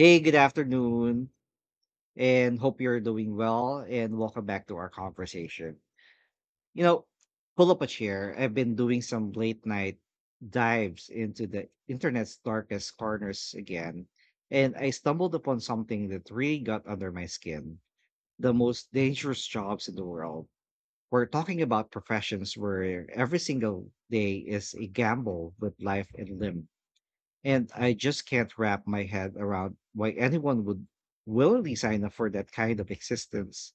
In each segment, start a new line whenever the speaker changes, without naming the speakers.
Hey, good afternoon, and hope you're doing well. And welcome back to our conversation. You know, pull up a chair. I've been doing some late night dives into the internet's darkest corners again, and I stumbled upon something that really got under my skin. The most dangerous jobs in the world. We're talking about professions where every single day is a gamble with life and limb, and I just can't wrap my head around why anyone would willingly sign up for that kind of existence.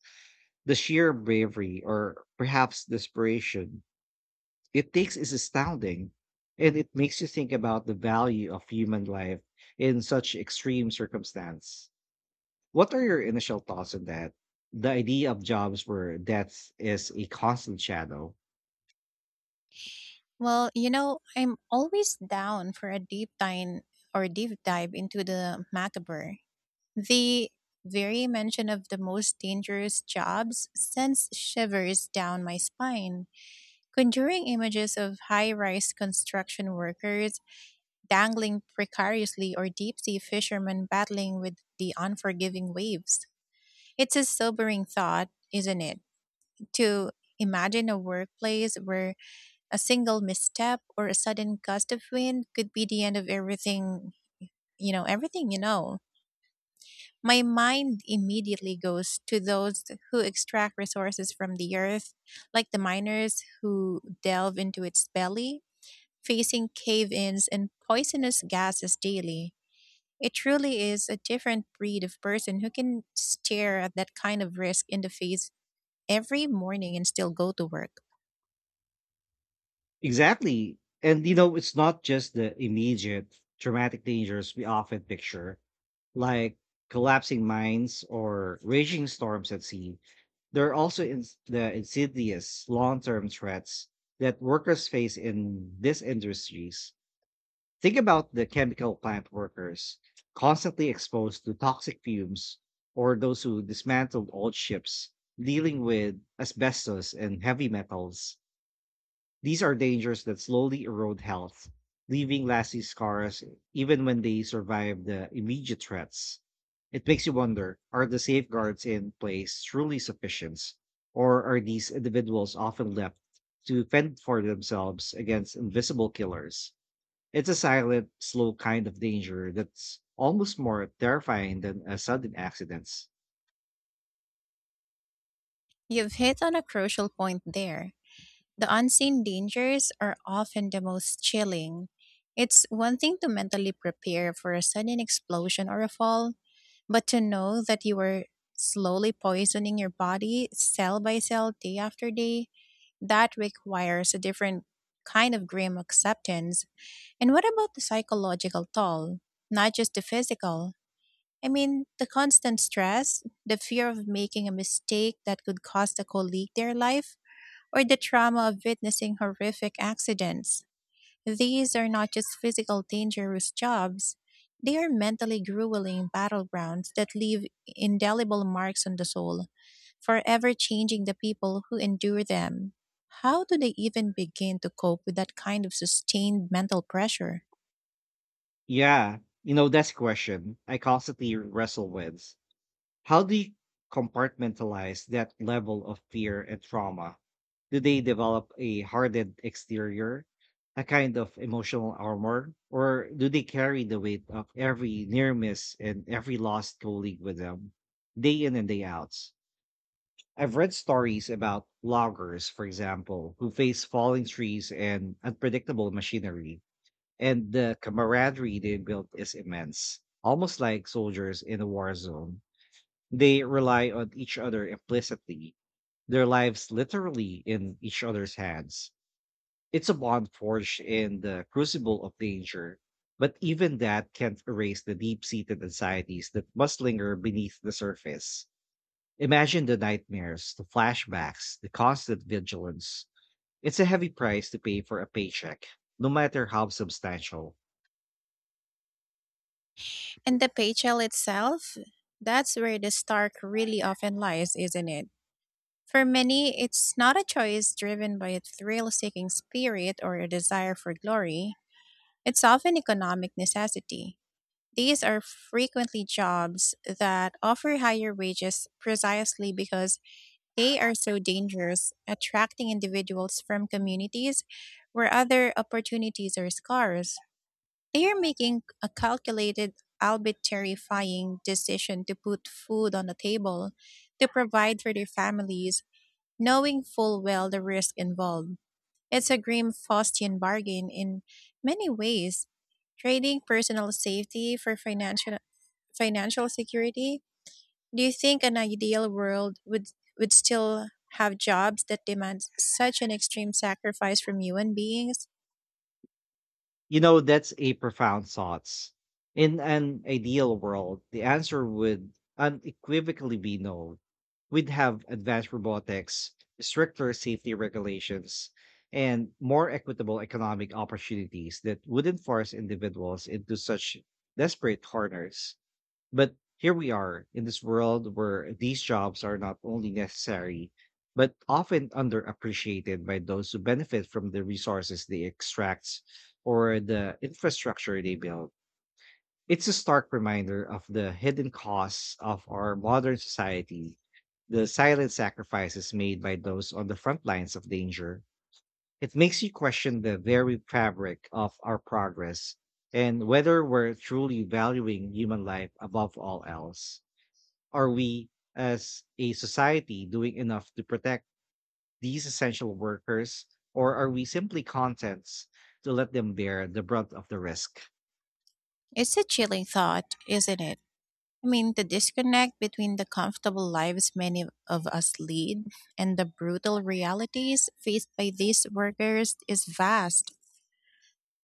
The sheer bravery, or perhaps desperation, it takes is astounding. And it makes you think about the value of human life in such extreme circumstance. What are your initial thoughts on that? The idea of jobs where death is a constant shadow.
Well, you know, I'm always down for a deep dive or deep dive into the macabre. The very mention of the most dangerous jobs sends shivers down my spine. Conjuring images of high rise construction workers dangling precariously or deep sea fishermen battling with the unforgiving waves. It's a sobering thought, isn't it, to imagine a workplace where a single misstep or a sudden gust of wind could be the end of everything, everything you know. My mind immediately goes to those who extract resources from the earth, like the miners who delve into its belly, facing cave ins and poisonous gases daily. It truly is a different breed of person who can stare at that kind of risk in the face every morning and still go to work.
Exactly. And it's not just the immediate traumatic dangers we often picture, like collapsing mines or raging storms at sea. There are also ins the insidious long term threats that workers face in these industries. Think about the chemical plant workers constantly exposed to toxic fumes, or those who dismantled old ships dealing with asbestos and heavy metals. These are dangers that slowly erode health, leaving lasting scars even when they survive the immediate threats. It makes you wonder, are the safeguards in place truly sufficient, or are these individuals often left to fend for themselves against invisible killers? It's a silent, slow kind of danger that's almost more terrifying than a sudden accident.
You've hit on a crucial point there. The unseen dangers are often the most chilling. It's one thing to mentally prepare for a sudden explosion or a fall, but to know that you are slowly poisoning your body cell by cell, day after day, that requires a different kind of grim acceptance. And what about the psychological toll? Not just the physical. I mean, the constant stress, the fear of making a mistake that could cost a colleague their life, or the trauma of witnessing horrific accidents. These are not just physical dangerous jobs, they are mentally grueling battlegrounds that leave indelible marks on the soul, forever changing the people who endure them. How do they even begin to cope with that kind of sustained mental pressure?
Yeah, that's a question I constantly wrestle with. How do you compartmentalize that level of fear and trauma? Do they develop a hardened exterior, a kind of emotional armor, or do they carry the weight of every near miss and every lost colleague with them, day in and day out? I've read stories about loggers, for example, who face falling trees and unpredictable machinery, and the camaraderie they built is immense, almost like soldiers in a war zone. They rely on each other implicitly, their lives literally in each other's hands. It's a bond forged in the crucible of danger, but even that can't erase the deep seated anxieties that must linger beneath the surface. Imagine the nightmares, the flashbacks, the constant vigilance. It's a heavy price to pay for a paycheck, no matter how substantial.
And the paychel itself? That's where the stark really often lies, isn't it? For many, it's not a choice driven by a thrill seeking spirit or a desire for glory, it's often economic necessity. These are frequently jobs that offer higher wages precisely because they are so dangerous, attracting individuals from communities where other opportunities are scarce. They are making a calculated, albeit terrifying, decision to put food on the table, to provide for their families, knowing full well the risk involved. It's a grim Faustian bargain in many ways, trading personal safety for financial security. Do you think an ideal world would still have jobs that demand such an extreme sacrifice from human beings?
That's a profound thought. In an ideal world, the answer would unequivocally be no. We'd have advanced robotics, stricter safety regulations, and more equitable economic opportunities that wouldn't force individuals into such desperate corners. But here we are in this world where these jobs are not only necessary, but often underappreciated by those who benefit from the resources they extract or the infrastructure they build. It's a stark reminder of the hidden costs of our modern society, the silent sacrifices made by those on the front lines of danger. It makes you question the very fabric of our progress and whether we're truly valuing human life above all else. Are we, as a society, doing enough to protect these essential workers, or are we simply contents to let them bear the brunt of the risk?
It's a chilling thought, isn't it? I mean, the disconnect between the comfortable lives many of us lead and the brutal realities faced by these workers is vast.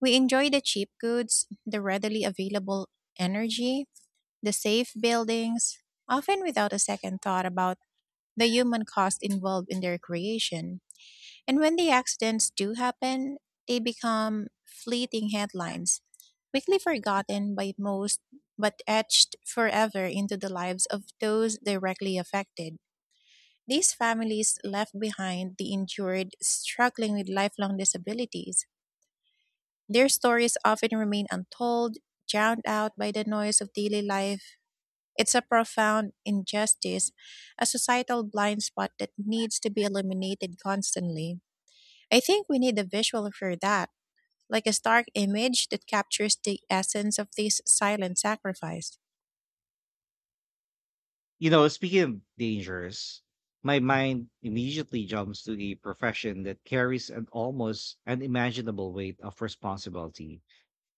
We enjoy the cheap goods, the readily available energy, the safe buildings, often without a second thought about the human cost involved in their creation. And when the accidents do happen, they become fleeting headlines, quickly forgotten by most but etched forever into the lives of those directly affected. These families left behind the injured struggling with lifelong disabilities. Their stories often remain untold, drowned out by the noise of daily life. It's a profound injustice, a societal blind spot that needs to be eliminated constantly. I think we need a visual for that, like a stark image that captures the essence of this silent sacrifice.
Speaking of dangers, my mind immediately jumps to a profession that carries an almost unimaginable weight of responsibility: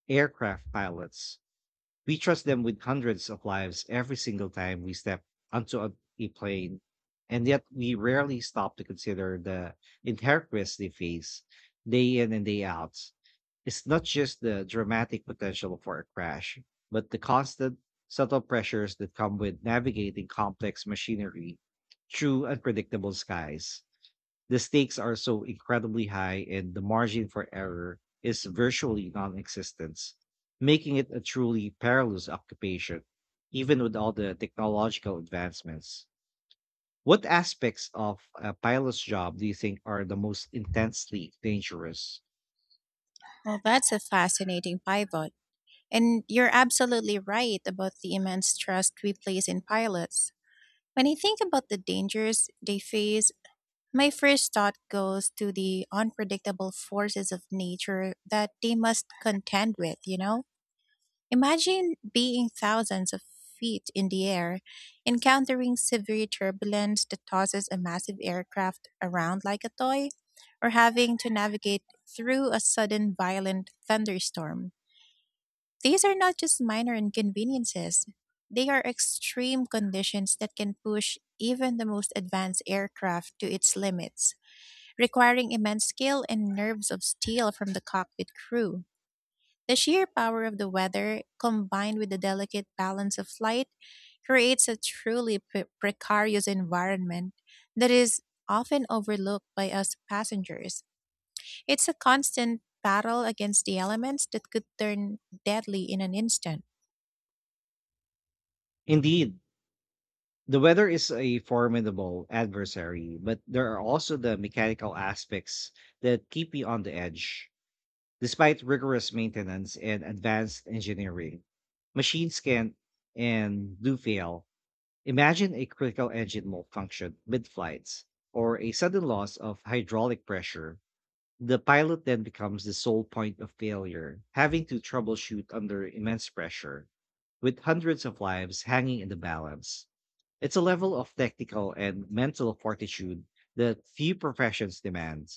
aircraft pilots. We trust them with hundreds of lives every single time we step onto a plane, and yet we rarely stop to consider the inherent risks they face day in and day out. It's not just the dramatic potential for a crash, but the constant, subtle pressures that come with navigating complex machinery through unpredictable skies. The stakes are so incredibly high, and the margin for error is virtually non-existent, making it a truly perilous occupation, even with all the technological advancements. What aspects of a pilot's job do you think are the most intensely dangerous?
Well, that's a fascinating pivot. And you're absolutely right about the immense trust we place in pilots. When I think about the dangers they face, my first thought goes to the unpredictable forces of nature that they must contend with, you know? Imagine being thousands of feet in the air, encountering severe turbulence that tosses a massive aircraft around like a toy, or having to navigate through a sudden violent thunderstorm. These are not just minor inconveniences, they are extreme conditions that can push even the most advanced aircraft to its limits, requiring immense skill and nerves of steel from the cockpit crew. The sheer power of the weather, combined with the delicate balance of flight, creates a truly precarious environment that is often overlooked by us passengers. It's a constant battle against the elements that could turn deadly in an instant.
Indeed, the weather is a formidable adversary, but there are also the mechanical aspects that keep you on the edge. Despite rigorous maintenance and advanced engineering, machines can and do fail. Imagine a critical engine malfunction mid flights, or a sudden loss of hydraulic pressure. The pilot then becomes the sole point of failure, having to troubleshoot under immense pressure, with hundreds of lives hanging in the balance. It's a level of technical and mental fortitude that few professions demand.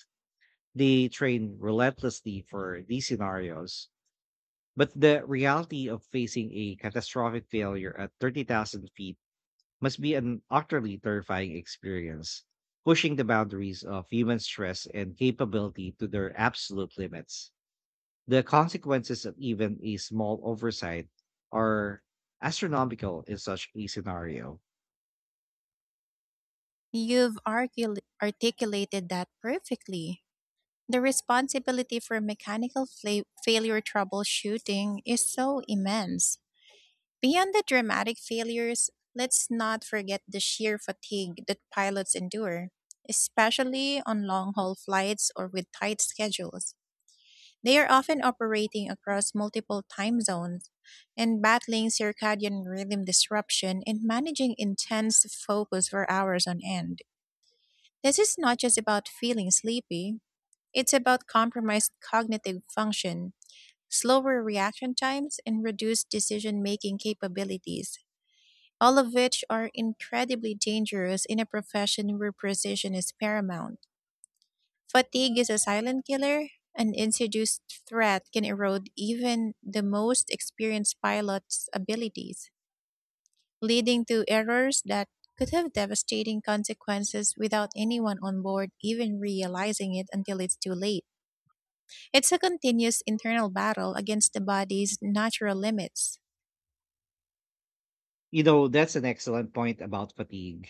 They train relentlessly for these scenarios, but the reality of facing a catastrophic failure at 30,000 feet must be an utterly terrifying experience, pushing the boundaries of human stress and capability to their absolute limits. The consequences of even a small oversight are astronomical in such a scenario.
Articulated that perfectly. The responsibility for mechanical failure troubleshooting is so immense. Beyond the dramatic failures, let's not forget the sheer fatigue that pilots endure, especially on long haul flights or with tight schedules. They are often operating across multiple time zones and battling circadian rhythm disruption and managing intense focus for hours on end. This is not just about feeling sleepy, it's about compromised cognitive function, slower reaction times, and reduced decision making capabilities, all of which are incredibly dangerous in a profession where precision is paramount. Fatigue is a silent killer. An introduced threat can erode even the most experienced pilot's abilities, leading to errors that could have devastating consequences without anyone on board even realizing it until it's too late. It's a continuous internal battle against the body's natural limits.
That's an excellent point about fatigue.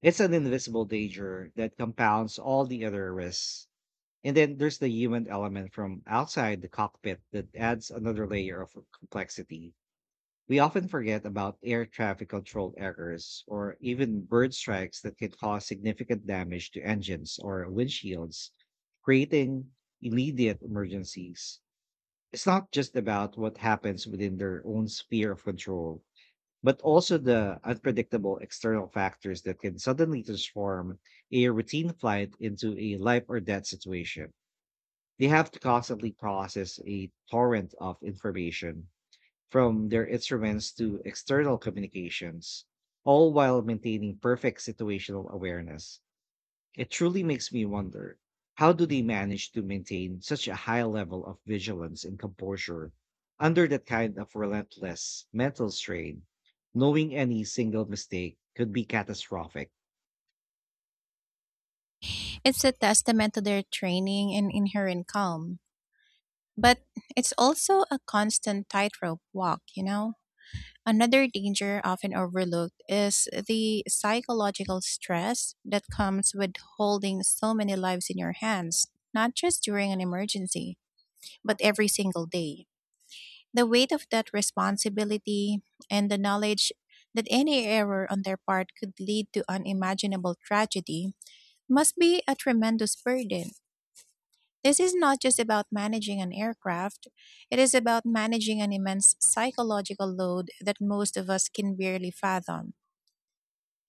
It's an invisible danger that compounds all the other risks. And then there's the human element from outside the cockpit that adds another layer of complexity. We often forget about air traffic control errors or even bird strikes that can cause significant damage to engines or windshields, creating immediate emergencies. It's not just about what happens within their own sphere of control, but also the unpredictable external factors that can suddenly transform a routine flight into a life or death situation. They have to constantly process a torrent of information, from their instruments to external communications, all while maintaining perfect situational awareness. It truly makes me wonder, how do they manage to maintain such a high level of vigilance and composure under that kind of relentless mental strain, knowing any single mistake could be catastrophic?
It's a testament to their training and inherent calm. But it's also a constant tightrope walk, you know? Another danger often overlooked is the psychological stress that comes with holding so many lives in your hands, not just during an emergency, but every single day. The weight of that responsibility and the knowledge that any error on their part could lead to unimaginable tragedy must be a tremendous burden. This is not just about managing an aircraft, it is about managing an immense psychological load that most of us can barely fathom.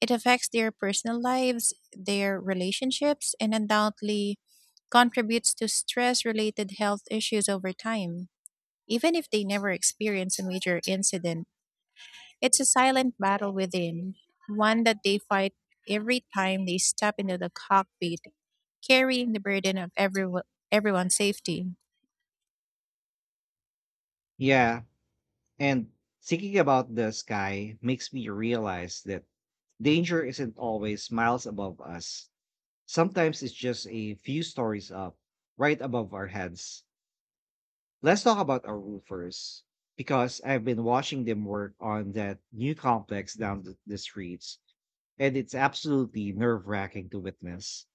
It affects their personal lives, their relationships, and undoubtedly contributes to stress related health issues over time. Even if they never experience a major incident, it's a silent battle within, one that they fight every time they step into the cockpit, carrying the burden of everyone's safety.
Yeah, and thinking about the sky makes me realize that danger isn't always miles above us. Sometimes it's just a few stories up, right above our heads. Let's talk about our roofers, because I've been watching them work on that new complex down the streets, and it's absolutely nerve wracking to witness.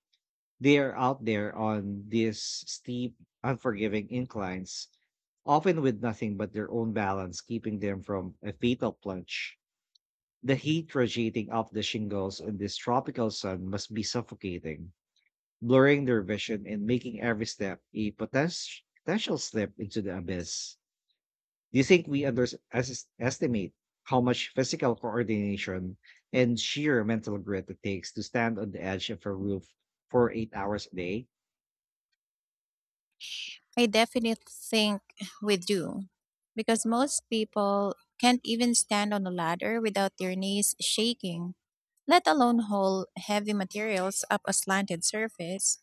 They are out there on these steep, unforgiving inclines, often with nothing but their own balance keeping them from a fatal plunge. The heat radiating off the shingles in this tropical sun must be suffocating, blurring their vision and making every step a potential slip into the abyss. Do you think we underestimate how much physical coordination and sheer mental grit it takes to stand on the edge of a roof for 8 hours a day?
I definitely think we do, because most people can't even stand on a ladder without their knees shaking, let alone haul heavy materials up a slanted surface.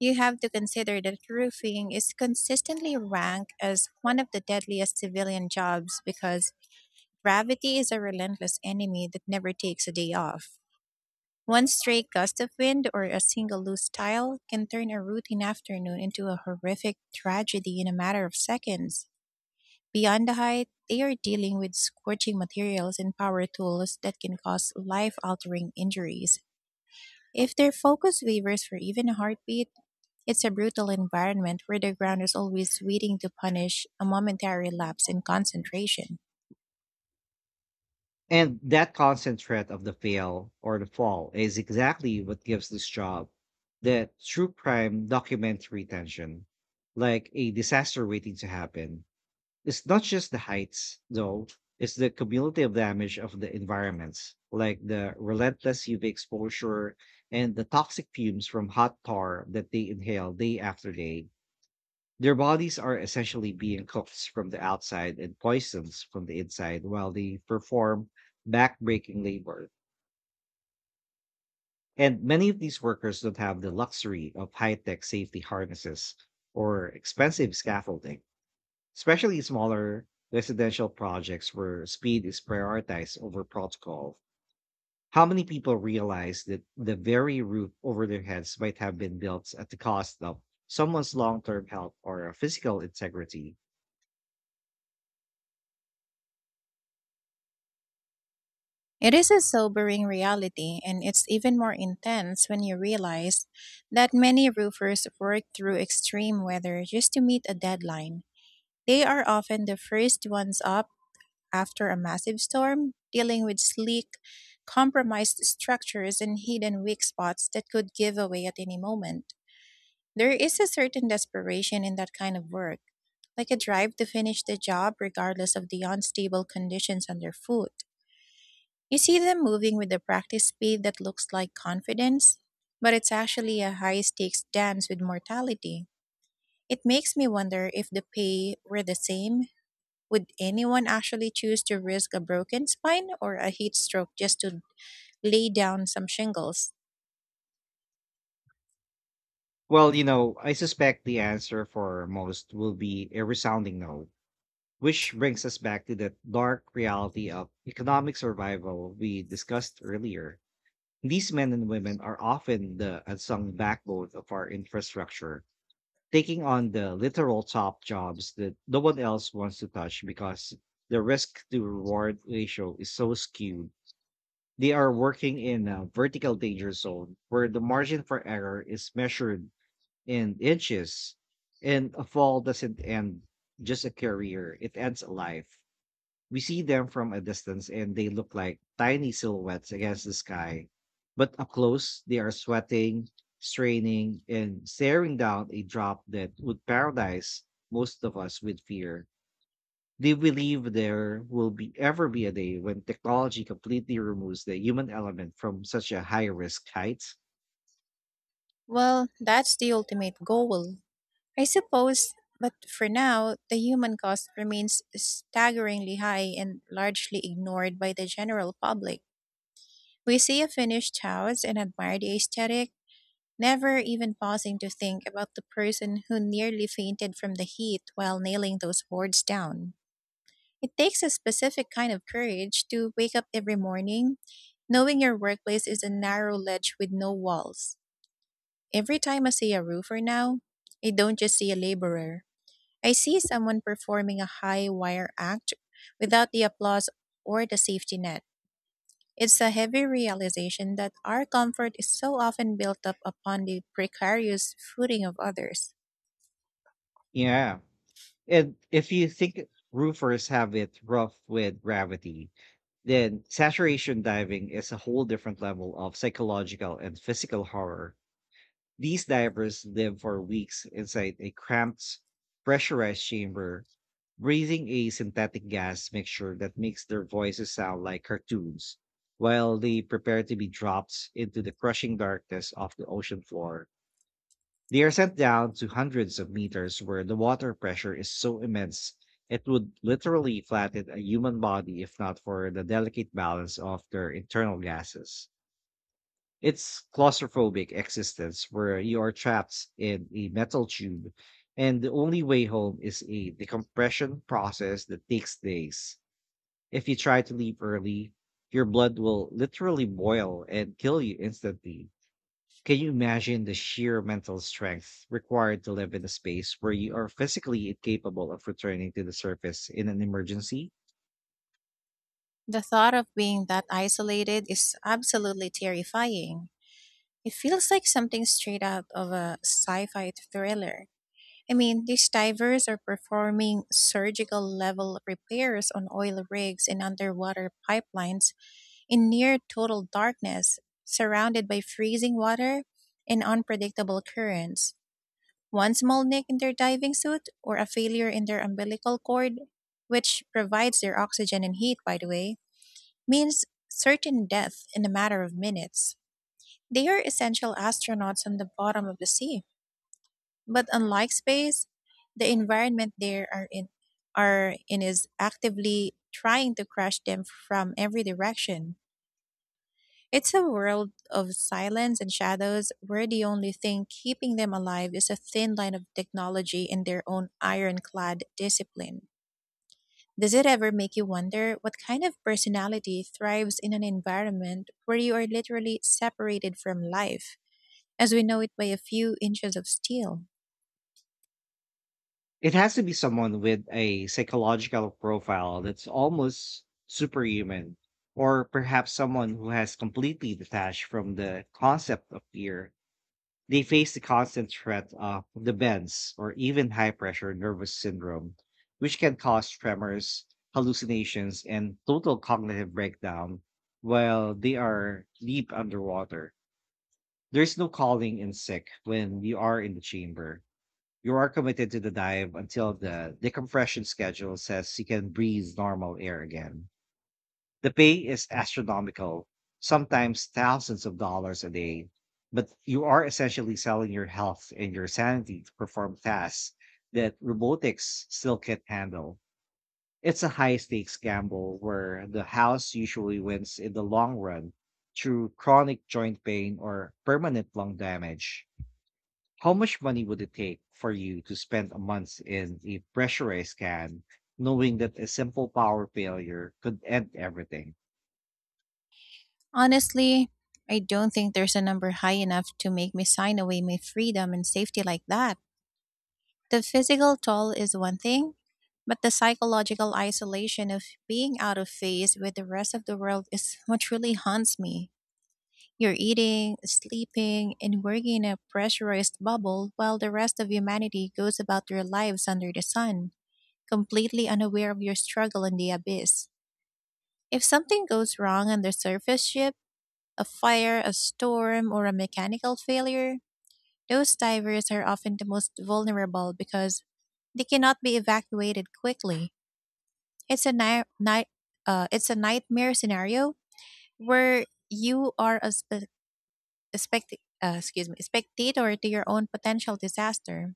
You have to consider that roofing is consistently ranked as one of the deadliest civilian jobs because gravity is a relentless enemy that never takes a day off. One stray gust of wind or a single loose tile can turn a routine afternoon into a horrific tragedy in a matter of seconds. Beyond the height, they are dealing with scorching materials and power tools that can cause life altering injuries. If their focus wavers for even a heartbeat, it's a brutal environment where the ground is always waiting to punish a momentary lapse in concentration.
And that constant threat of the fail or the fall is exactly what gives this job the true crime documentary tension, like a disaster waiting to happen. It's not just the heights, though; it's the cumulative damage of the environments, like the relentless UV exposure and the toxic fumes from hot tar that they inhale day after day. Their bodies are essentially being cooked from the outside and poisoned from the inside while they perform backbreaking labor. And many of these workers don't have the luxury of high tech safety harnesses or expensive scaffolding, especially in smaller residential projects where speed is prioritized over protocol. How many people realize that the very roof over their heads might have been built at the cost of someone's long term health or physical integrity?
It is a sobering reality, and it's even more intense when you realize that many roofers work through extreme weather just to meet a deadline. They are often the first ones up after a massive storm, dealing with sleek, compromised structures and hidden weak spots that could give away at any moment. There is a certain desperation in that kind of work, like a drive to finish the job regardless of the unstable conditions underfoot. You see them moving with a practice speed that looks like confidence, but it's actually a high stakes dance with mortality. It makes me wonder if the pay were the same, would anyone actually choose to risk a broken spine or a heat stroke just to lay down some shingles?
Well, I suspect the answer for most will be a resounding no, which brings us back to the dark reality of economic survival we discussed earlier. These men and women are often the unsung backbone of our infrastructure, taking on the literal top jobs that no one else wants to touch because the risk to reward ratio is so skewed. They are working in a vertical danger zone where the margin for error is measured and inches. And a fall doesn't end just a career, it ends a life. We see them from a distance, and they look like tiny silhouettes against the sky. But up close, they are sweating, straining, and staring down a drop that would paralyze most of us with fear. They believe there will be ever be a day when technology completely removes the human element from such a high risk height.
Well, that's the ultimate goal, I suppose, but for now, the human cost remains staggeringly high and largely ignored by the general public. We see a finished house and admire the aesthetic, never even pausing to think about the person who nearly fainted from the heat while nailing those boards down. It takes a specific kind of courage to wake up every morning knowing your workplace is a narrow ledge with no walls. Every time I see a roofer now, I don't just see a laborer. I see someone performing a high wire act without the applause or the safety net. It's a heavy realization that our comfort is so often built up upon the precarious footing of others.
Yeah, and if you think roofers have it rough with gravity, then saturation diving is a whole different level of psychological and physical horror. These divers live for weeks inside a cramped, pressurized chamber, breathing a synthetic gas mixture that makes their voices sound like cartoons, while they prepare to be dropped into the crushing darkness of the ocean floor. They are sent down to hundreds of meters where the water pressure is so immense it would literally flatten a human body if not for the delicate balance of their internal gases. It's claustrophobic existence where you are trapped in a metal tube, and the only way home is a decompression process that takes days. If you try to leave early, your blood will literally boil and kill you instantly. Can you imagine the sheer mental strength required to live in a space where you are physically incapable of returning to the surface in an emergency?
The thought of being that isolated is absolutely terrifying. It feels like something straight out of a sci fi thriller. I mean, these divers are performing surgical level repairs on oil rigs and underwater pipelines in near total darkness, surrounded by freezing water and unpredictable currents. One small nick in their diving suit or a failure in their umbilical cord, which provides their oxygen and heat, by the way, means certain death in a matter of minutes. They are essential astronauts on the bottom of the sea. But unlike space, the environment are in is actively trying to crush them from every direction. It's a world of silence and shadows where the only thing keeping them alive is a thin line of technology and their own ironclad discipline. Does it ever make you wonder what kind of personality thrives in an environment where you are literally separated from life, as we know it, by a few inches of steel?
It has to be someone with a psychological profile that's almost superhuman, or perhaps someone who has completely detached from the concept of fear. They face the constant threat of the bends or even high pressure nervous syndrome, which can cause tremors, hallucinations, and total cognitive breakdown while they are deep underwater. There is no calling in sick when you are in the chamber. You are committed to the dive until the decompression schedule says you can breathe normal air again. The pay is astronomical, sometimes thousands of dollars a day, but you are essentially selling your health and your sanity to perform tasks that robotics still can't handle. It's a high stakes gamble where the house usually wins in the long run through chronic joint pain or permanent lung damage. How much money would it take for you to spend a month in a pressurized can, knowing that a simple power failure could end everything?
Honestly, I don't think there's a number high enough to make me sign away my freedom and safety like that. The physical toll is one thing, but the psychological isolation of being out of phase with the rest of the world is what truly haunts me. You're eating, sleeping, and working in a pressurized bubble while the rest of humanity goes about their lives under the sun, completely unaware of your struggle in the abyss. If something goes wrong on the surface ship, a fire, a storm, or a mechanical failure, those divers are often the most vulnerable because they cannot be evacuated quickly. It's a night, night it's a nightmare scenario where you are a, spe- a spect- excuse me, spectator to your own potential disaster,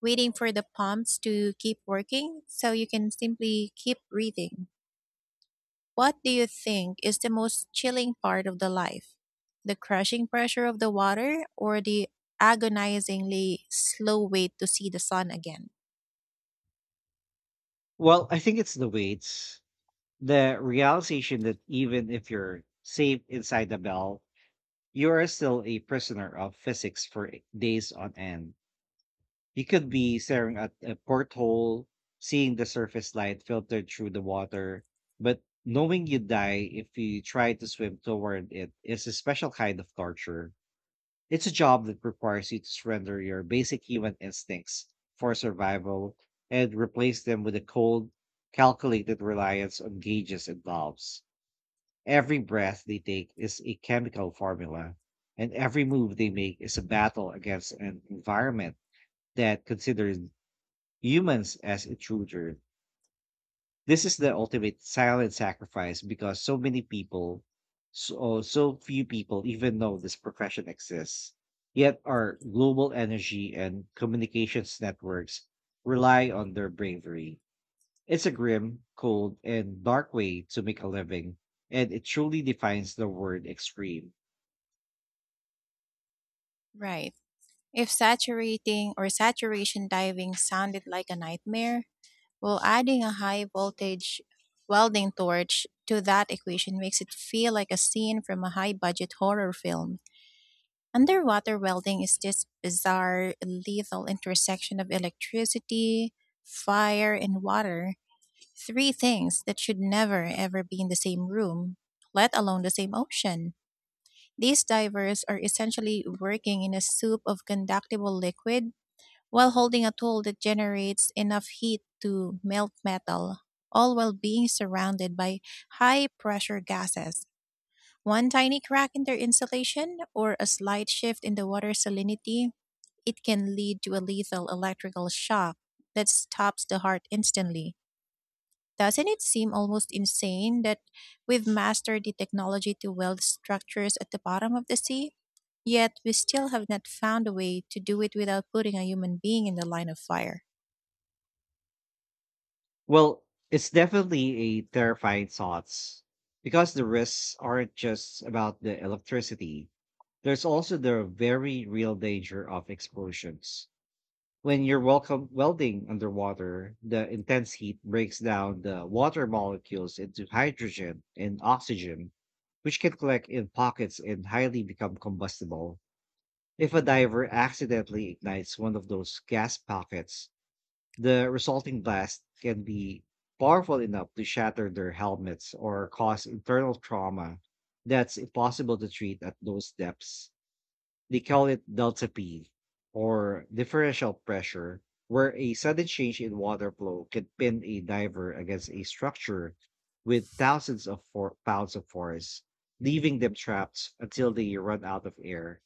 waiting for the pumps to keep working so you can simply keep breathing. What do you think is the most chilling part of the life? The crushing pressure of the water or the agonizingly slow wait to see the sun again?
Well, I think it's the weights. The realization that even if you're safe inside the bell, you are still a prisoner of physics for days on end. You could be staring at a porthole, seeing the surface light filtered through the water, but knowing you die if you try to swim toward it is a special kind of torture. It's a job that requires you to surrender your basic human instincts for survival, and replace them with a cold, calculated reliance on gauges and valves. Every breath they take is a chemical formula, and every move they make is a battle against an environment that considers humans as intruders. This is the ultimate silent sacrifice because so many people, so few people even know this profession exists. Yet our global energy and communications networks rely on their bravery. It's a grim, cold, and dark way to make a living, and it truly defines the word extreme.
Right. If saturating or saturation diving sounded like a nightmare, well, adding a high voltage welding torch to that equation makes it feel like a scene from a high budget horror film. Underwater welding is this bizarre, lethal intersection of electricity, fire, and water. Three things that should never ever be in the same room, let alone the same ocean. These divers are essentially working in a soup of conductible liquid while holding a tool that generates enough heat to melt metal, all while being surrounded by high pressure gases. One tiny crack in their insulation or a slight shift in the water salinity, it can lead to a lethal electrical shock that stops the heart instantly. Doesn't it seem almost insane that we've mastered the technology to weld structures at the bottom of the sea? Yet we still have not found a way to do it without putting a human being in the line of fire.
Well, it's definitely a terrifying thoughts, because the risks aren't just about the electricity. There's also the very real danger of explosions. When you're welcome welding underwater, the intense heat breaks down the water molecules into hydrogen and oxygen, which can collect in pockets and highly become combustible. If a diver accidentally ignites one of those gas pockets, the resulting blast can be powerful enough to shatter their helmets or cause internal trauma that's impossible to treat at those depths. They call it delta P, or differential pressure, where a sudden change in water flow can pin a diver against a structure with thousands of pounds of force, leaving them trapped until they run out of air.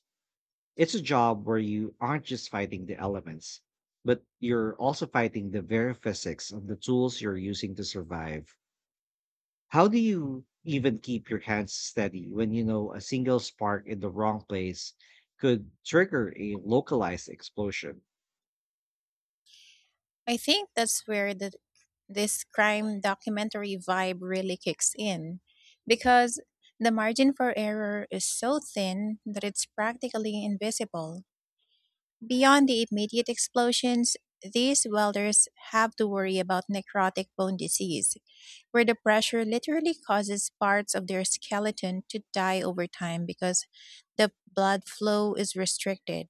It's a job where you aren't just fighting the elements, but you're also fighting the very physics of the tools you're using to survive. How do you even keep your hands steady when you know a single spark in the wrong place could trigger a localized explosion?
I think that's where this crime documentary vibe really kicks in because the margin for error is so thin that it's practically invisible. Beyond the immediate explosions, these welders have to worry about necrotic bone disease, where the pressure literally causes parts of their skeleton to die over time because the blood flow is restricted.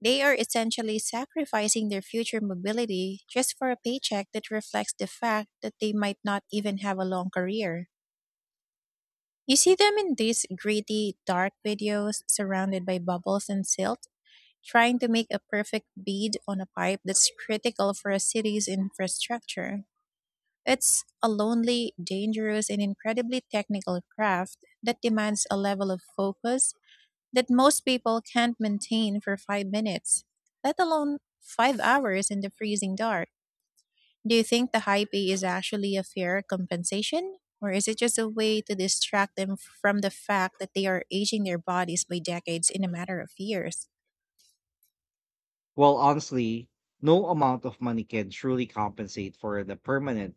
They are essentially sacrificing their future mobility just for a paycheck that reflects the fact that they might not even have a long career. You see them in these gritty, dark videos surrounded by bubbles and silt, trying to make a perfect bead on a pipe that's critical for a city's infrastructure. It's a lonely, dangerous, and incredibly technical craft that demands a level of focus that most people can't maintain for 5 minutes, let alone 5 hours in the freezing dark. Do you think the high pay is actually a fair compensation? Or is it just a way to distract them from the fact that they are aging their bodies by decades in a matter of years?
Well, honestly, no amount of money can truly compensate for the permanent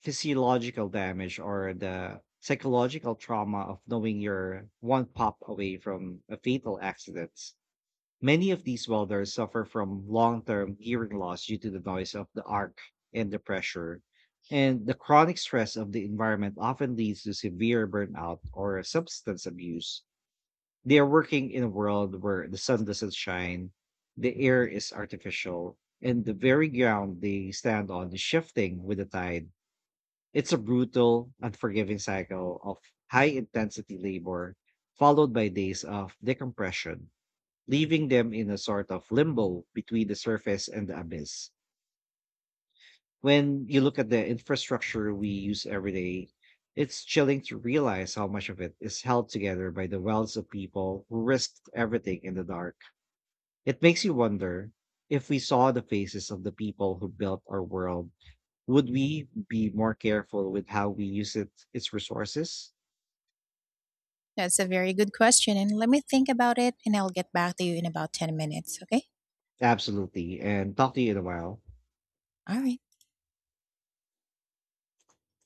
physiological damage or the psychological trauma of knowing you're one pop away from a fatal accident. Many of these welders suffer from long term hearing loss due to the noise of the arc and the pressure. And the chronic stress of the environment often leads to severe burnout or substance abuse. They are working in a world where the sun doesn't shine, the air is artificial, and the very ground they stand on is shifting with the tide. It's a brutal, unforgiving cycle of high intensity labor, followed by days of decompression, leaving them in a sort of limbo between the surface and the abyss. When you look at the infrastructure we use every day, it's chilling to realize how much of it is held together by the wealth of people who risked everything in the dark. It makes you wonder, if we saw the faces of the people who built our world, would we be more careful with how we use it, its resources?
That's a very good question. And let me think about it and I'll get back to you in about 10 minutes, okay?
Absolutely. And talk to you in a while.
All right.